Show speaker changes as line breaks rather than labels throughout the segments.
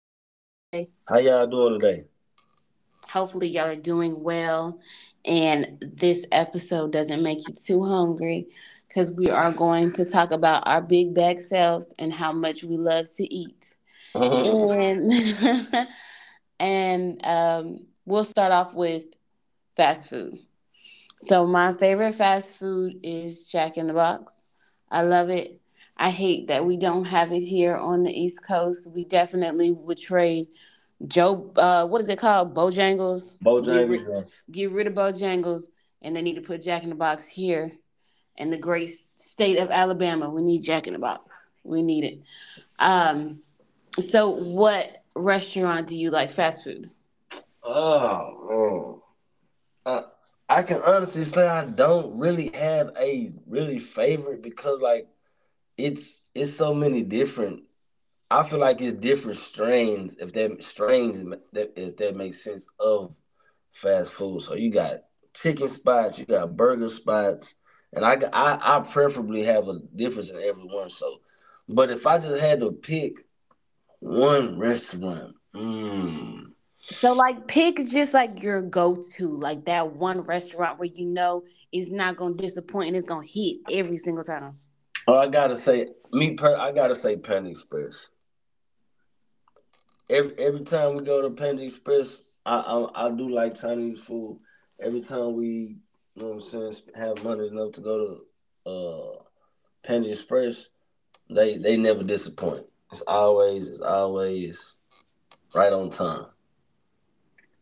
today.
How y'all doing today?
Hopefully, y'all are doing well, and this episode doesn't make you too hungry because we are going to talk about our big bag selves and how much we love to eat. And, and we'll start off with fast food. So my favorite fast food is Jack in the Box. I love it. I hate that we don't have it here on the East Coast. We definitely would trade Joe. What is it called? Bojangles. Get
Bojangles,
rid,
man.
get rid of Bojangles, and they need to put Jack in the Box here in the great state of Alabama. We need Jack in the Box. We need it. Um. So, what restaurant do you like fast food?
Oh man, I can honestly say I don't really have a really favorite because like it's so many different. I feel like it's different strains if that makes sense of fast food. So you got chicken spots, you got burger spots, and I preferably have a difference in every one. So, but if I just had to pick one restaurant,
So like pick is just like your go-to, like that one restaurant where you know it's not gonna disappoint and it's gonna hit every single time.
Oh, I gotta say, me per, I gotta say, Panda Express. Every time we go to Panda Express, I do like Chinese food. Every time we, you know what I'm saying, have money enough to go to Panda Express, they never disappoint. It's always right on time.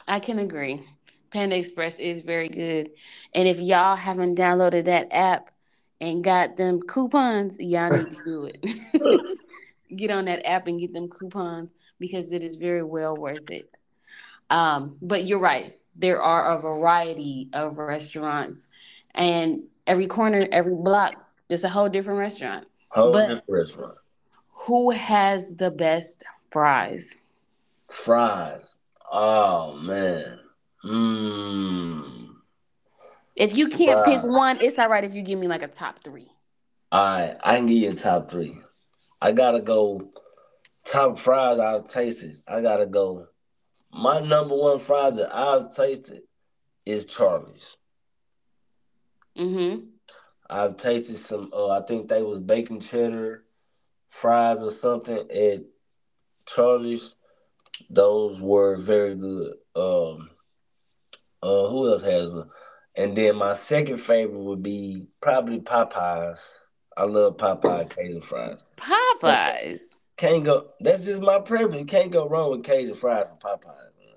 I can agree. Panda Express is very good. And if y'all haven't downloaded that app and got them coupons, y'all need to do it. Get on that app and get them coupons because it is very well worth it. But you're right. There are a variety of restaurants, and every corner, every block, there's a whole different restaurant.
Whole
But
different restaurant.
who has the best fries?
Fries. Oh man. Mmm.
If you can't pick
Fries.
one, it's all right if you give me like a top three.
All right, I can give you a top three. I gotta go. Top fries I've tasted, I gotta go. My number one fries that I've tasted is Charlie's.
Mm-hmm.
I've tasted some. I think they was bacon cheddar fries or something at Charlie's. Those were very good. Who else has them? And then my second favorite would be probably Popeyes. I love Popeye Cajun fries.
Popeyes.
Can't go. That's just my preference. Can't go wrong with Cajun fries from Popeyes. Man.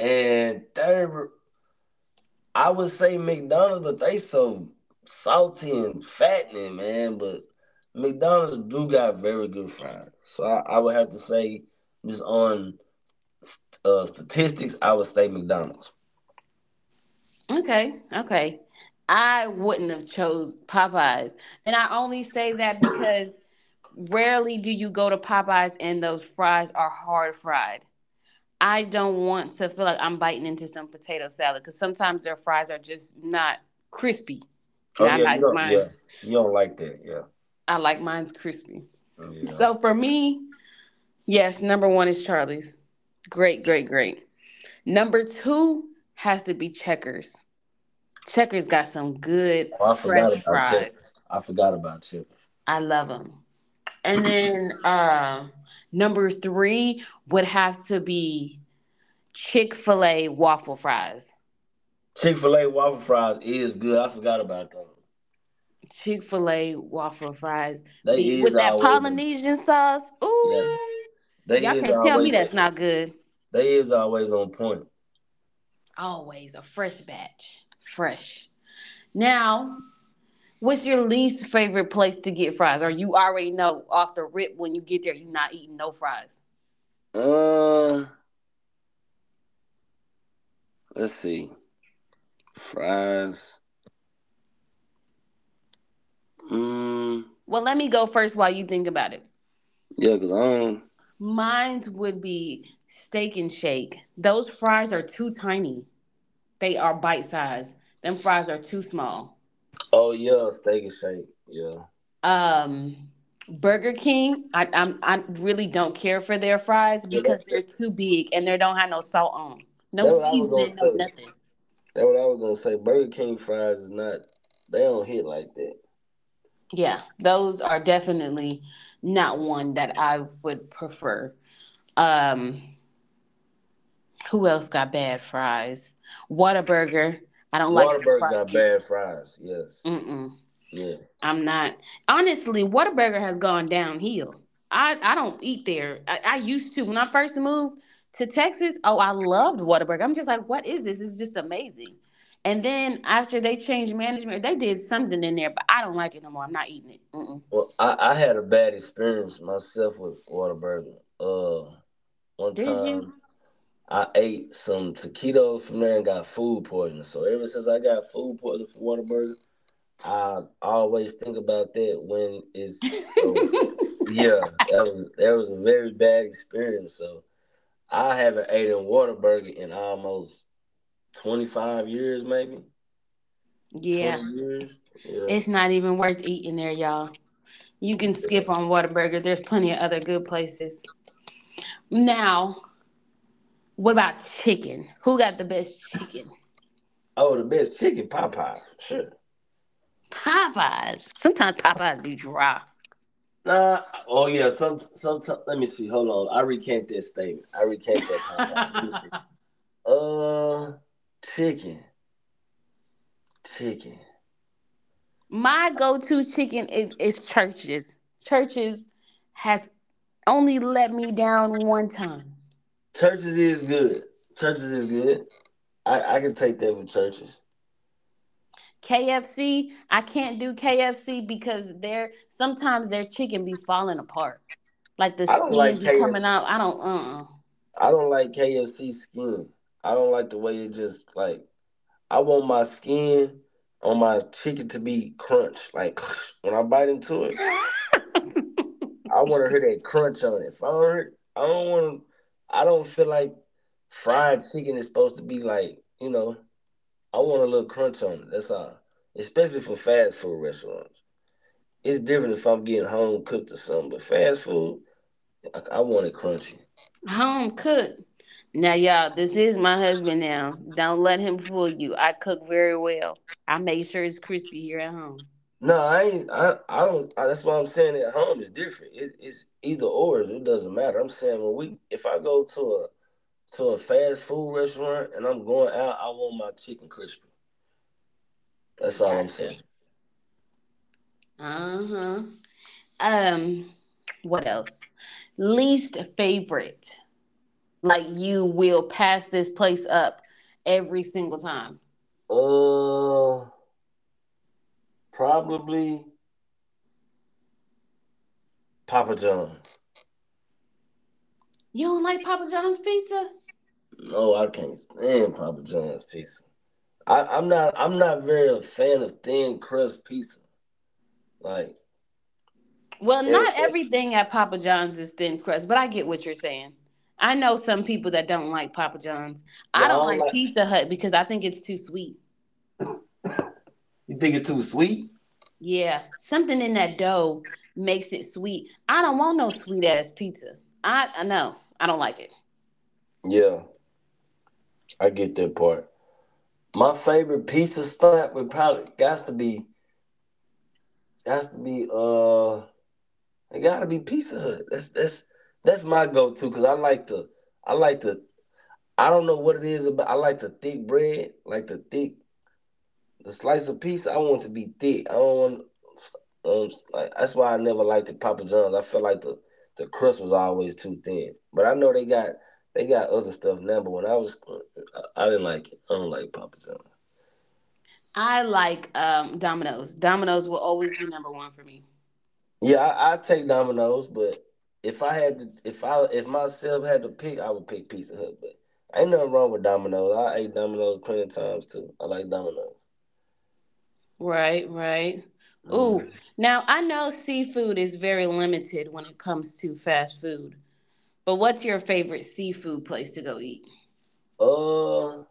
And third I would say McDonald's, but they so salty and fattening, man. But McDonald's do got very good fries. So I would have to say, just on statistics, I would say McDonald's.
Okay, okay. I wouldn't have chose Popeyes, and I only say that because rarely do you go to Popeyes and those fries are hard fried. I don't want to feel like I'm biting into some potato salad because sometimes their fries are just not crispy. And
Oh
I
yeah, you
like
don't. Yeah,
mine's
you don't like that. Yeah,
I like mine's crispy.
yeah.
So for me, yes, number one is Charlie's. Great, great, great. Number two has to be Checkers. Checkers got some good
Oh, I forgot
fresh
about Chick.
fries.
I forgot about Chick.
I love them. And then number three would have to be Chick Fil A waffle fries.
Chick Fil A waffle fries is good. I forgot about them.
Chick fil A waffle fries
They
be
is
with that
always on.
Polynesian sauce.
Yeah,
Ooh,
they
y'all
is
can't tell me
always on.
that's not good.
They is always on point.
Always a fresh batch, fresh. Now, what's your least favorite place to get fries? Or you already know off the rip when you get there, you're not eating no fries.
Uh, let's see. Fries. Mm,
Well, let me go first while you think about it.
yeah, cause I don't.
Mine would be Steak and Shake. Those fries are too tiny. They are bite size. Them fries are too small.
Oh yeah, steak and shake. Yeah.
Um, Burger King, I really don't care for their fries
Yeah, that,
because
that
they're too big and they don't have no salt on 'em. No
that what I was gonna
seasoning, no
say.
nothing.
That what I was gonna say. Burger King fries is not. They don't hit like that.
Yeah, those are definitely not one that I would prefer. Um, who else got bad fries? Whataburger, I don't like their
Waterburgers are
fries either.
bad fries. Yes.
Mm-mm.
Yeah.
I'm not honestly. Whataburger has gone downhill. I don't eat there. I used to when I first moved to Texas. Oh, I loved Whataburger. I'm just like, what is this? It's just amazing. And then after they changed management, they did something in there, but I don't like it no more. I'm not eating it. Mm-mm.
Well, I had a bad experience myself with Waterburger. One
Did you?
time. I ate some taquitos from there and got food poisoning. So ever since I got food poisoning from Whataburger, I always think about that when it's so that was a very bad experience. So I haven't ate a Whataburger in almost 25 years, maybe twenty
Yeah,
years. Yeah.
it's not even worth eating there, y'all. You can skip on Whataburger. There's plenty of other good places. Now, what about chicken? Who got the best chicken?
Oh, the best chicken Popeyes, for sure.
Popeyes. Sometimes
I,
Popeyes be dry.
nah. Oh yeah. Let me see. Hold on. I recant that statement. I recant that Popeyes. Let me see. Uh, chicken, chicken.
My go-to chicken is churches. Churches has only let me down one time.
Churches is good. Churches is good. I can take that with churches.
KFC, I can't do KFC because they're sometimes their chicken be falling apart. Like the
I don't
skin
like
be
K.
coming out. I don't uh
I don't like KFC skin. I don't like the way it just like. I want my skin on my chicken to be crunch. Like when I bite into it, I want to hear that crunch on it. If I don't, hear, I don't want. I don't feel like fried chicken is supposed to be like, you know. I want a little crunch on it. That's all. Especially for fast food restaurants. It's different if I'm getting home cooked or something, but fast food, I want it crunchy.
uh Home cooked. Now y'all, this is my husband now. Don't let him fool you. I cook very well. I make sure it's crispy here at home.
No, I ain't. I don't. I, That's why I'm saying at home is different. It's either or. It doesn't matter. I'm saying when we, if I go to a fast food restaurant and I'm going out, I want my chicken crispy. That's all I'm
Gotcha.
saying.
Uh-huh. Um, what else? Least favorite. Like you will pass this place up every single time.
Uh, probably Papa John's.
You don't like Papa John's pizza?
No, I can't stand Papa John's pizza. I, I'm not. I'm not very a fan of thin crust pizza. Like,
Well,
and,
not everything at Papa John's is thin crust, but I get what you're saying. I know some people that don't like Papa John's. I don't
y'all
like
like.
Pizza Hut because I think it's too sweet.
You think it's too sweet?
Yeah, something in that dough makes it sweet. I don't want no sweet ass pizza. I know. I don't like it.
Yeah, I get that part. My favorite pizza spot would probably got to be it gotta be Pizza Hut. That's my go to because I like to I don't know what it is. About I like the thick bread, like the thick the slice of pizza. I want it to be thick. I don't want like, That's why I never liked the Papa John's. I felt like the crust was always too thin, but I know they got other stuff now. But when I didn't like it. I don't like Papa John's.
I like Domino's. Domino's will always be number one for me.
Yeah, I take Domino's, but if I had to, if myself had to pick, I would pick Pizza Hut. But ain't nothing wrong with Domino's. I ate Domino's plenty of times too. I like Domino's.
Right, right.
Mm.
Ooh, now I know seafood is very limited when it comes to fast food, but what's your favorite seafood place to go eat?
Uh,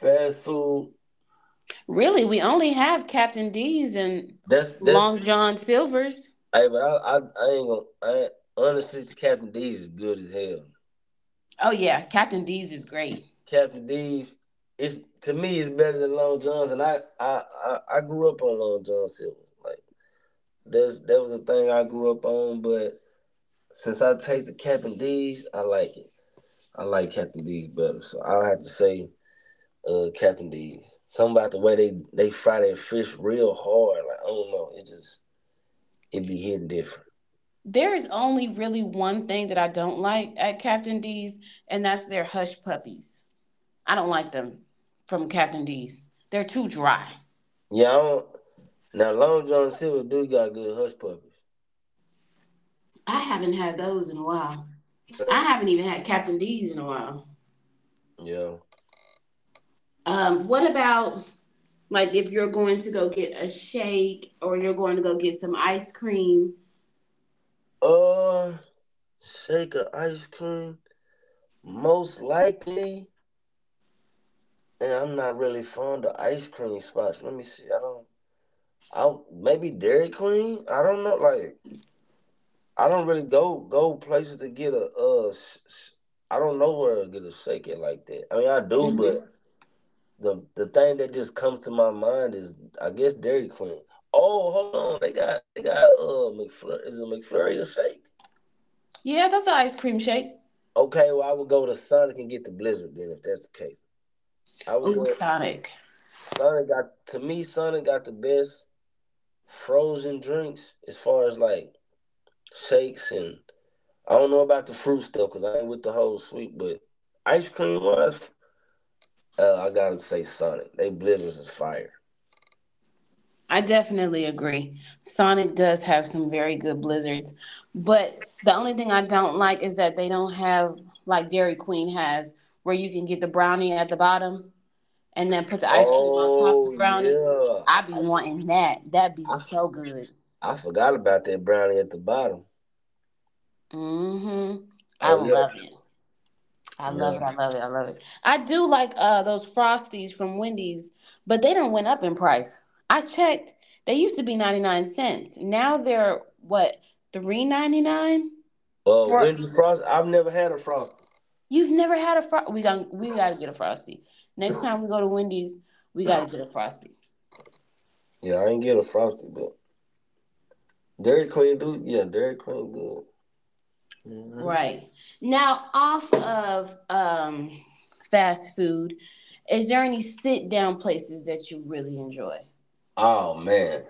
fast food.
Really, we only have Captain D's and
That's that's.
Long John Silver's.
Hey, but I ain't gonna. I, ain't- honestly, Captain D's is good as hell.
Oh, yeah, Captain D's is great.
Captain D's, it's to me, it's better than Long John's, and I grew up on Long John Silver. Like that was a thing I grew up on, but. Since I tasted Captain D's, I like it. I like Captain D's better. So I will have to say Captain D's. Something about the way they fry that fish real hard. Like I don't know. It just it be hitting different.
There's only really one thing that I don't like at Captain D's, and that's their hush puppies. I don't like them from Captain D's. They're too dry.
Yeah, I don't now Long John Silver do got good hush puppies.
I haven't had those in a while. I
But
haven't even had Captain D's in a while.
yeah.
What about like if you're going to go get a shake or you're going to go get some ice cream?
Uh Shake of ice cream. Most likely, and I'm not really fond of ice cream spots. Let me see. I don't I Maybe Dairy Queen? I don't know like I don't really go places to get a I don't know where to get a shake it like that. I mean, I do,
Hmm.
but the thing that just comes to my mind is I guess Dairy Queen. Oh, hold on, they got McFlurry. Is it McFlurry a shake?
Yeah, that's an ice cream shake.
Okay, well I would go to Sonic and get the Blizzard then if that's the case. I would
Oh,
go.
Sonic.
Sonic got to me. Sonic got the best frozen drinks as far as like shakes and I don't know about the fruit stuff because I ain't with the whole sweet, but ice cream wise, I gotta say Sonic. They Blizzards is fire.
I definitely agree. Sonic does have some very good blizzards, but the only thing I don't like is that they don't have like Dairy Queen has, where you can get the brownie at the bottom and then put the ice cream on top of the
Oh
brownie.
yeah,
I be wanting that. That'd be
I f-
so good.
I forgot about that brownie at the bottom.
Mm-hmm. I
Oh yeah,
love it. I love
yeah.
it. I love it. I love it. I do like those frosties from Wendy's, but they don't went up in price. I checked. They used to be 99¢. Now they're what, 3.99? For
Wendy Frost. I've never had a frosty.
you've never had a fro we got we gotta get a frosty. Next time we go to Wendy's, we gotta get a frosty.
Yeah, I ain't get a frosty, but Dairy Queen do. Yeah, Dairy Queen good. Hmm.
Right. Now, off of fast food, is there any sit down places that you really enjoy?
Oh man,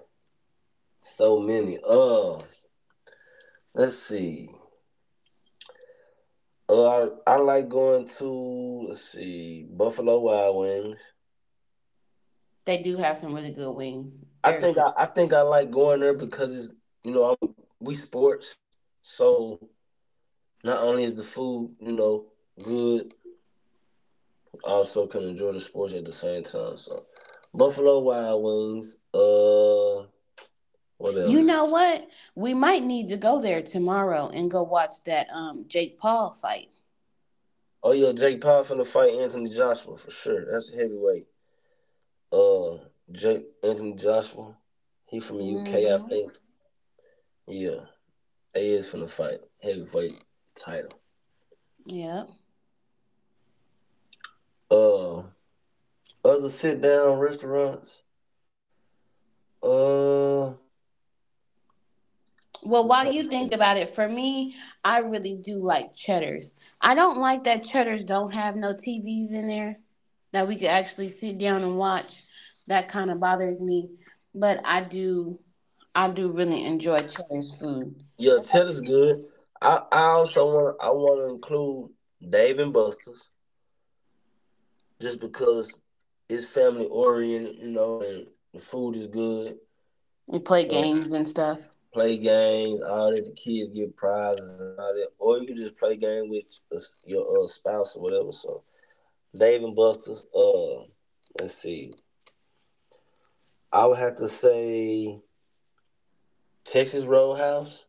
so many. Let's see. I like going to let's see Buffalo Wild Wings.
They do have some really good wings. Very good.
I think I like going there because it's, you know, I'm we sports. So not only is the food, you know, good, I also can enjoy the sports at the same time. So Buffalo Wild Wings, what
You
else.
know what? We might need to go there tomorrow and go watch that Jake Paul fight.
Oh yeah, Jake Paul finna fight Anthony Joshua for sure. That's a heavyweight uh Jake Anthony Joshua. He from the UK I
Mm-hmm.
think. Yeah, he is finna fight heavyweight title.
Yep.
uh Other sit down restaurants. Uh,
Well,
I'm
while
trying to
you think
think.
about it, for me, I really do like Cheddar's. I don't like that Cheddar's don't have no TVs in there that we could actually sit down and watch. That kind of bothers me, but I do really enjoy Cheddar's food.
Yeah, Cheddar's good. I also want to include Dave and Buster's just because it's family oriented, you know, and the food is good.
We play
Uh,
games and stuff.
Play games, all that. The kids get prizes and all that, or you can just play game with your spouse or whatever. So Dave and Buster's. Let's see. I would have to say Texas Roadhouse.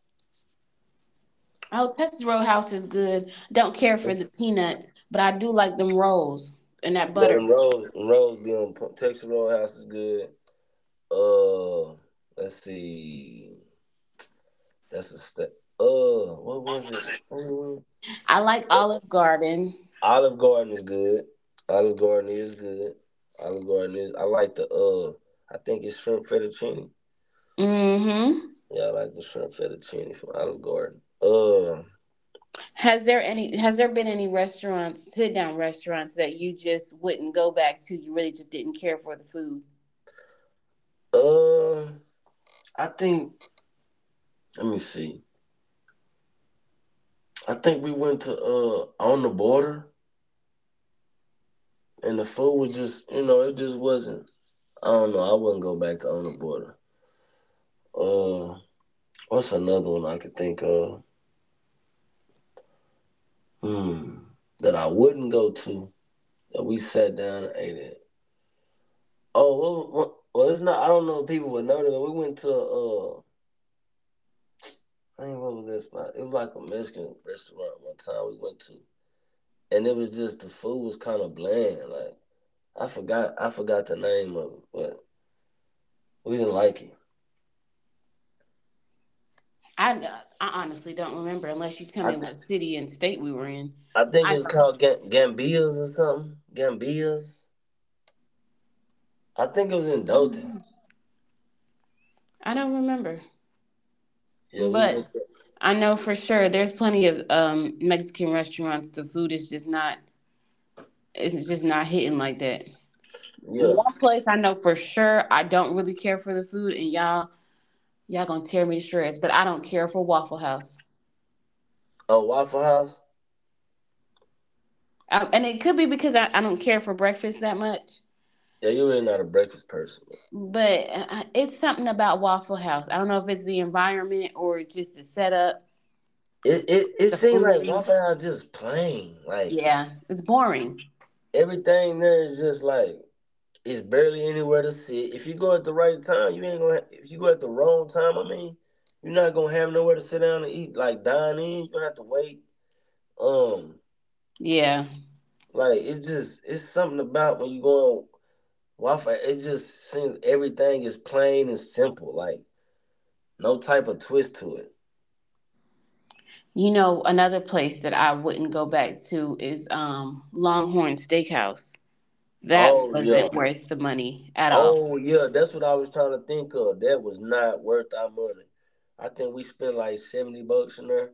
Oh, Texas Roadhouse is good. Don't care for the peanuts, but I do like them rolls and that
Yeah,
butter.
them rolls be on point. Texas Roadhouse is good. Uh, let's see. That's a step. What was it? Mm,
I like Olive Garden.
Olive Garden is good. Olive Garden is good. Olive Garden is. I like the I think it's shrimp fettuccine.
Mm-hmm.
Yeah, I like the shrimp fettuccine from Olive Garden.
Has there any has there been any restaurants, sit down restaurants that you just wouldn't go back to? You really just didn't care for the food.
Uh. I think. Let me see. I think we went to On The Border, and the food was just, you know, it just wasn't. I don't know. I wouldn't go back to On The Border. Uh, what's another one I could think of? mm, that I wouldn't go to that we sat down and ate at. Oh, it's not. I don't know if people would know that, but we went to I think what was that spot? It was like a Mexican restaurant one time we went to, and it was just the food was kind of bland. Like I forgot the name of it, but we didn't like it.
I I honestly don't remember unless you tell
I
me
th-
what city and state we were in.
I think it
I
was
don't
called Gambias or something. Gambias. I think it was in Dalton.
I don't remember.
Yeah, we
But
went. There.
I know for sure there's plenty of Mexican restaurants the food is just not it's just not hitting like that.
Yeah.
One place I know for sure I don't really care for the food and y'all going to tear me to shreds, but I don't care for Waffle House.
Oh, Waffle House.
And it could be because I don't care for breakfast that much,
Yeah, you really not a breakfast person.
but it's something about Waffle House. I don't know if it's the environment or just the setup, the,
It
the
seems like
food.
Waffle House just plain. Like
Yeah, it's boring.
everything there is just like it's barely anywhere to sit. If you go at the right time, you ain't gonna. Ha- If you go at the wrong time, I mean, you're not gonna have nowhere to sit down and eat. Like dine in, you gonna have to wait. Um,
Yeah.
like it's something about when you go on Waffle. It just seems everything is plain and simple. Like no type of twist to it.
You know, another place that I wouldn't go back to is Longhorn Steakhouse. That
Oh
wasn't
yeah.
worth the money at all.
Oh yeah, that's what I was trying to think of. That was not worth our money. I think we spent like 70 bucks in there,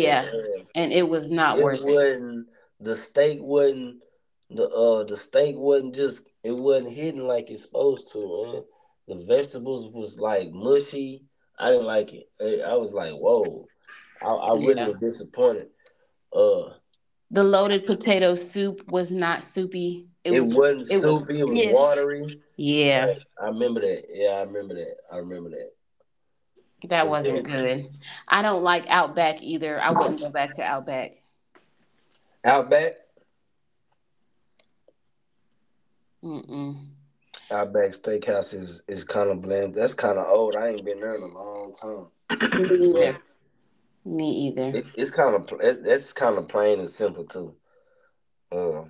and
And it was not
it
worth it.
wasn't, the steak wasn't, the steak wasn't, just it wasn't hidden like it's supposed to. Man. The vegetables was like mushy. I didn't like it. I was like, whoa. I really
Yeah.
was disappointed. Uh,
The loaded potato soup was not soupy.
it wasn't
It was
soupy. It was
stiff.
watery.
Yeah.
I remember that. Yeah, I remember that. I remember that.
That
It was
wasn't good. I don't like Outback either. I wouldn't go back to Outback.
Outback.
Mm-mm.
Outback Steakhouse is kind of bland. That's kind of old. I ain't been there in a long time,
Me either.
but
Me either.
it's kind of it, that's kind of plain and simple too. Uh,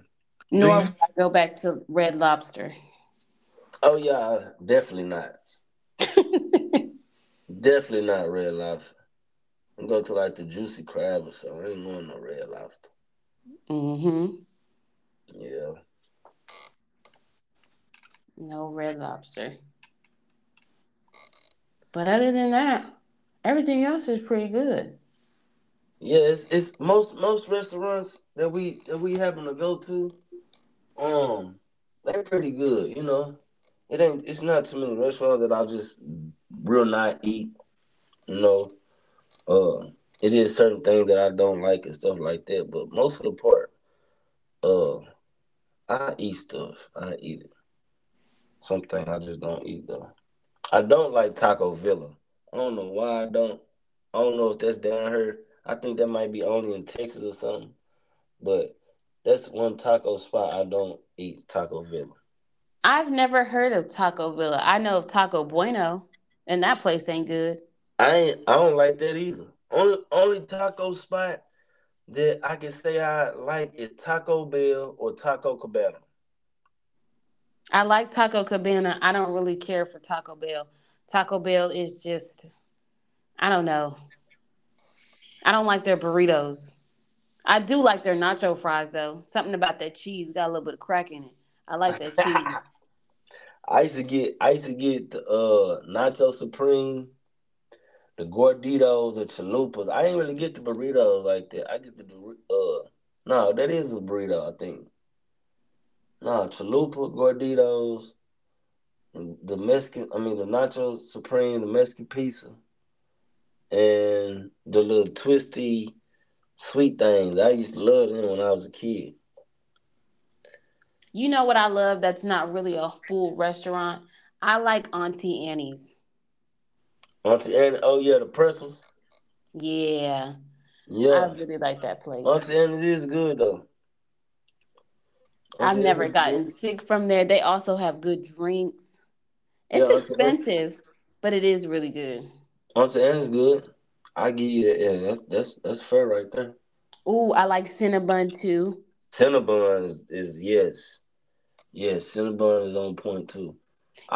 do
Nor
you?
would I go back to Red Lobster.
Oh yeah, definitely not. Definitely not red lobster. I'm go to like the juicy crab or something. I ain't want no red lobster.
Mm-hmm.
Yeah,
No Red Lobster. But other than that, everything else is pretty good.
yeah. It's most most restaurants that we happen to go to. Um, they pretty good. You know, it ain't. It's not too many restaurants that I just real not eat. No. Uh, it is certain things that I don't like and stuff like that, but most of the part, uh, I eat stuff. I eat it. Something I just don't eat though. I don't like Taco Villa. I don't know why I don't. I don't know if that's down here. I think that might be only in Texas or something. But that's one taco spot I don't eat. Taco Villa.
I've never heard of Taco Villa. I know of Taco Bueno, and that place ain't good.
I ain't. I don't like that either. Only taco spot that I can say I like is Taco Bell or Taco Cabana.
I like Taco Cabana. I don't really care for Taco Bell. Taco Bell is just, I don't know. I don't like their burritos. I do like their nacho fries though. Something about that cheese got a little bit of crack in it. I like that cheese.
I used to get the nacho supreme, the gorditos, the chalupas. I ain't really get the burritos like that. I get the uh no, that is a burrito, I think. No, chalupa, gorditos, the Mexican I mean the nacho supreme, the Mexican pizza, and the little twisty sweet things. I used to love them when I was a kid.
You know what I love that's not really a full restaurant? I like Auntie Annie's.
Auntie Annie, oh yeah, the pretzels.
Yeah, I
Yeah.
really like that place.
Auntie Annie's is good though.
I've
Auntie
never
Annie's
gotten
good.
sick from there. They also have good drinks.
Yeah,
It's
Auntie Annie.
expensive, but it is really good.
I'm saying it's good. I give you that. Yeah, that's fair right there.
Ooh, I like Cinnabon too.
Cinnabon is yes, yes. Cinnabon is on point too.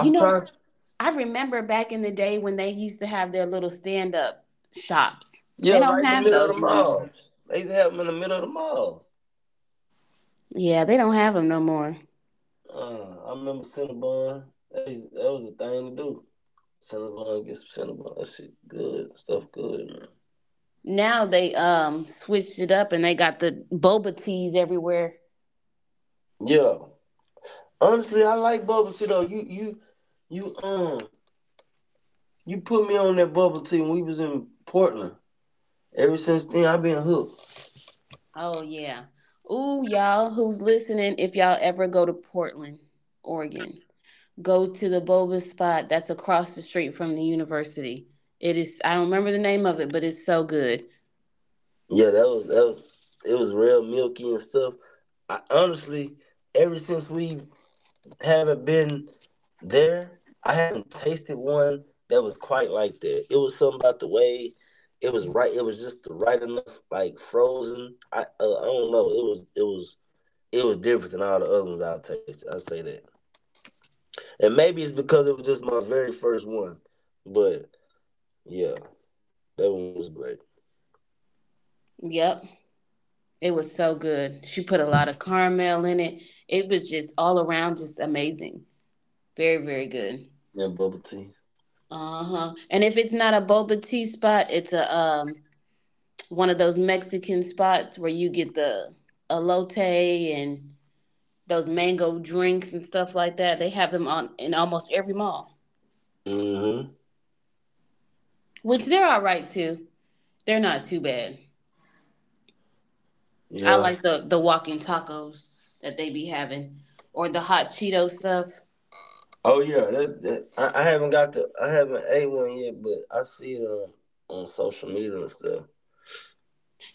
You know,
trying.
I remember back in the day when they used to have their little stand up shops.
Yeah,
They don't
right in the
have
middle of
those
the
no more.
mall. They used to have them in the middle of the mall.
Yeah, they don't have them no more.
I remember Cinnabon. That, used, that was the thing to do. Cinnabon, get some Cinnabon. That shit good. Stuff good, man.
Now they switched it up and they got the boba teas everywhere.
Yeah. Honestly, I like bubble tea though. You you put me on that bubble tea when we was in Portland. Ever since then, I've been hooked.
Oh yeah. Ooh, y'all who's listening, if y'all ever go to Portland, Oregon, go to the boba spot that's across the street from the university. It is I don't remember the name of it, but it's so good.
Yeah, that was it was real milky and stuff. I honestly, ever since we haven't been there, I haven't tasted one that was quite like that. It was something about the way it was right. It was just the right enough, like frozen. I don't know. It was it was different than all the other ones I've tasted. I say that, and maybe it's because it was just my very first one. But yeah, that one was great.
Yep. It was so good. She put a lot of caramel in it. It was just all around just amazing. Very, very good.
Yeah, bubble tea.
Uh-huh. And if it's not a boba tea spot, it's a one of those Mexican spots where you get the elote and those mango drinks and stuff like that. They have them on in almost every mall,
hmm
which they're all right too. They're not too bad. I
Yeah.
like the walking tacos that they be having or the hot Cheeto stuff.
Oh yeah, that's that. I haven't ate one yet, but I see it on social media and stuff.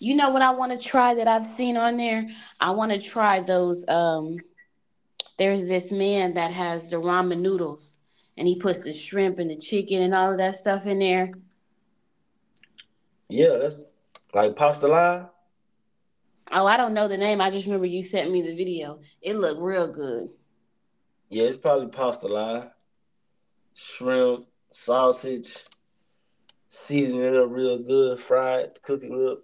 You know what I want to try that I've seen on there? I want to try those there's this man that has the ramen noodles and he puts the shrimp and the chicken and all of that stuff in there.
Yeah, that's like pasta lie.
Oh, I don't know the name. I just remember you sent me the video. It looked real good.
Yeah, it's probably pasta lie, shrimp, sausage, season it up real good, fry it, cook it up.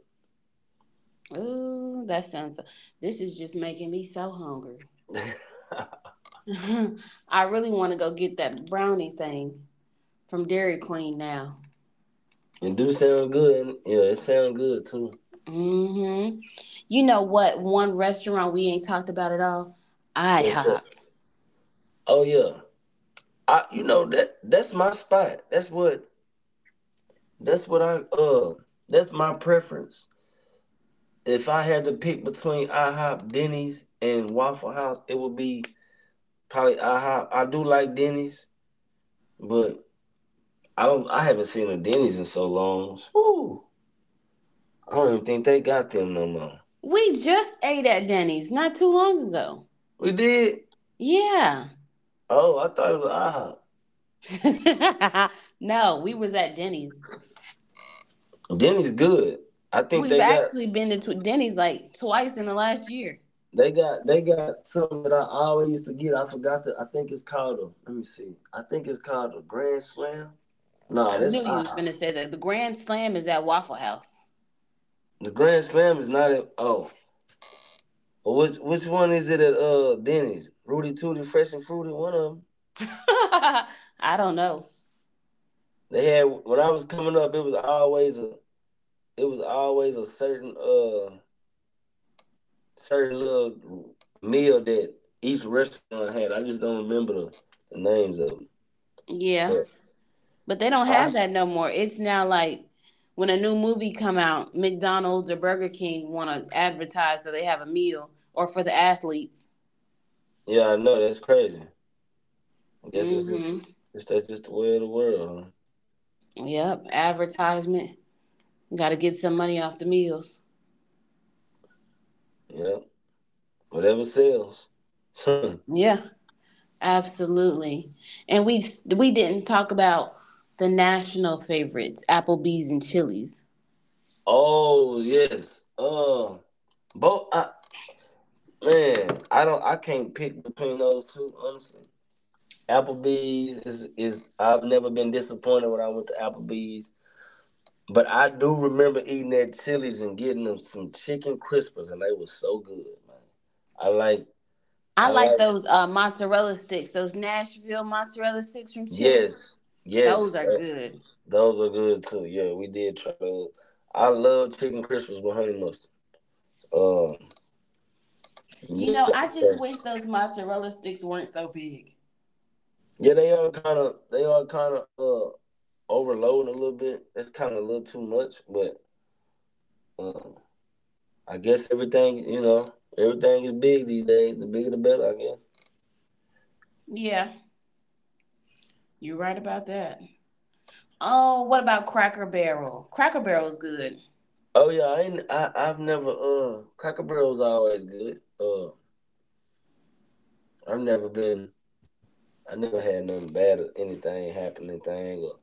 Ooh, that sounds. This is just making me so hungry. I really want to go get that brownie thing from Dairy Queen now.
It do sound good. And, yeah, it sound good too.
Mm-hmm. You know what? One restaurant we ain't talked about at all.
Okay.
IHOP.
Oh yeah, I you know that that's my spot. That's what I uh that's my preference. If I had to pick between IHOP, Denny's, and Waffle House, it would be probably IHOP. I do like Denny's, but I don't. I haven't seen a Denny's in so long. Whew, I don't even think they got them no more.
We just ate at Denny's not too long ago.
We did.
Yeah.
Oh, I thought it was
No, we was at Denny's.
IHOP. Denny's good. I think
We've actually been to Denny's like twice in the last year.
they got something that I always used to get. I forgot that. I think it's called a. Let me see. I think it's called a Grand Slam. No,
I
that's
knew you was
IHOP.
finna say that. The Grand Slam is at Waffle House.
The Grand Slam is not at. Oh, which one is it at Denny's? Rudy Tooty, Fresh and Fruity, one of them.
I don't know.
They had when I was coming up, it was always a it was always a certain certain little meal that each restaurant had. I just don't remember the names of them.
Yeah,
But
but they don't
I
have that no more. It's now like when a new movie come out, McDonald's or Burger King want to advertise so they have a meal or for the athletes.
yeah, I know that's crazy. I guess
Mm-hmm.
it's that's just the way of the world. Huh?
Yep, advertisement. Got to get some money off the meals.
Yeah, whatever sells.
Yeah, absolutely. And we didn't talk about the national favorites, Applebee's and Chili's.
oh yes. Both. Man, I don't. I can't pick between those two. Honestly, Applebee's is. I've never been disappointed when I went to Applebee's, but I do remember eating at Chili's and getting them some chicken crispers, and they were so good, man. I like.
I
I
like
like.
those mozzarella sticks, those Nashville mozzarella sticks from Chili's.
Yes, yes,
Those are
tho-
good.
those are good too. Yeah, we did try those. I love chicken crispers with honey mustard. Um,
You know,
yeah,
I
so-
just wish those mozzarella sticks weren't so big.
yeah, they are kind of. They are kind of. Overloading a little bit. That's kind of a little too much, but um, I guess everything you know, everything is big these days. The bigger the better, I guess.
Yeah, you're right about that. Oh, what about Cracker Barrel? Cracker Barrel is good.
Oh yeah, I ain't. I I've never. Cracker Barrel was always good. I've never been. I never had nothing bad or anything happening thing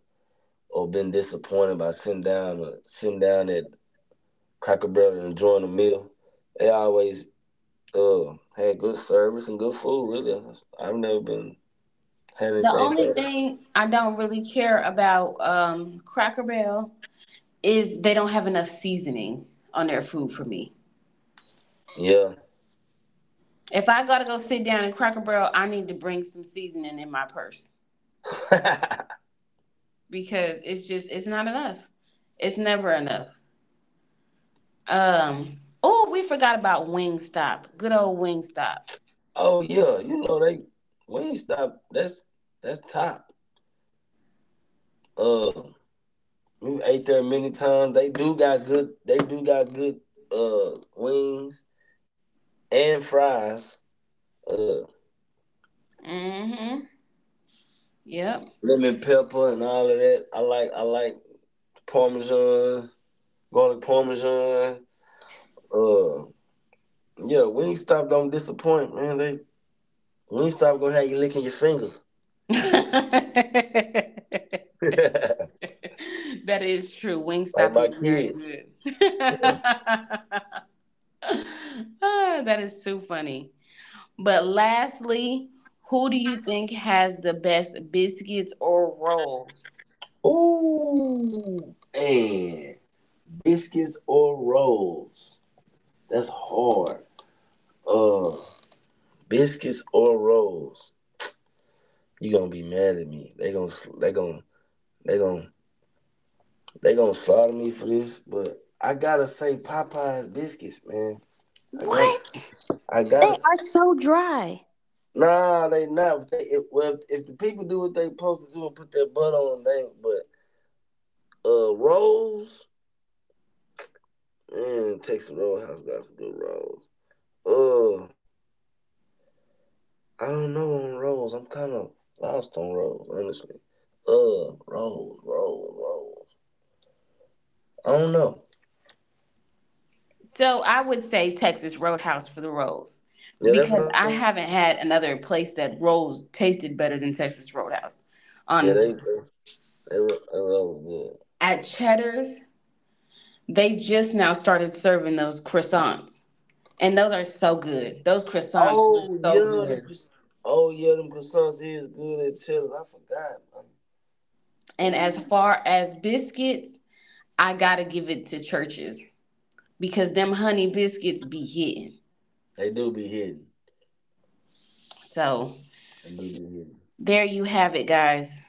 or been disappointed by sitting down at Cracker Barrel and enjoying a meal. They always had good service and good food. Really, I've never been had
The
anything
only
bad.
thing I don't really care about, Cracker Barrel, is they don't have enough seasoning on their food for me. If I gotta go sit down in Cracker Barrel, I need to bring some seasoning in my purse.
Yeah.
Because it's just it's not enough. It's never enough. Um. Oh, we forgot about Wingstop. Good old Wingstop.
Oh yeah, you know they Wingstop. That's top. Uh, we ate there many times. They do got good wings and fries. Uh,
Mm-hmm. Yep.
lemon pepper and all of that. I like parmesan, garlic parmesan. Uh, yeah, Wingstop don't disappoint, man. They Wingstop gonna have you licking your fingers like
That is true. Wingstop
my
is very
kids.
good. Ah, that is too funny. But lastly, who do you think has the best biscuits or rolls?
Ooh, and biscuits or rolls. That's hard. Uh, biscuits or rolls? You gonna be mad at me? They gonna they gonna they gonna slaughter me for this? But I gotta say Popeyes biscuits, man. I got
What?
I got
They
to
are so dry.
Nah, they not. If they if, well, if, the people do what they supposed to do and put their butt on, they. Ain't. But rolls, man, Texas Roadhouse got some good rolls. Uh, I don't know on rolls. I'm kind of lost on rolls, honestly. Rolls, rolls, rolls. I don't know.
So I would say Texas Roadhouse for the rolls,
Yeah, that's what
because
I was
I
thinking.
haven't had another place that rolls tasted better than Texas Roadhouse,
Yeah, they
honestly.
they,
Right.
they were they were- that was good.
At Cheddar's, they just now started serving those croissants, and those are so good. Those croissants were
Oh
so
yeah,
good.
them croissants is good and chilling. I forgot. Man.
And as
Ooh.
far as biscuits, I gotta give it to churches because them honey biscuits be hitting.
They do be hidden.
So
They do
there you have it, guys.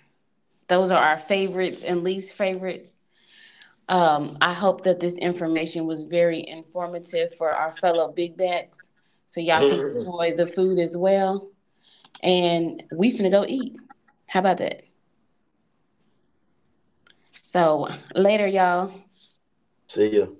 Those are our favorites and least favorites. I hope that this information was very informative for our fellow big backs, so
be
y'all can
hidden.
enjoy the food as well. And we finna go eat. How about that? So later, y'all.
See ya.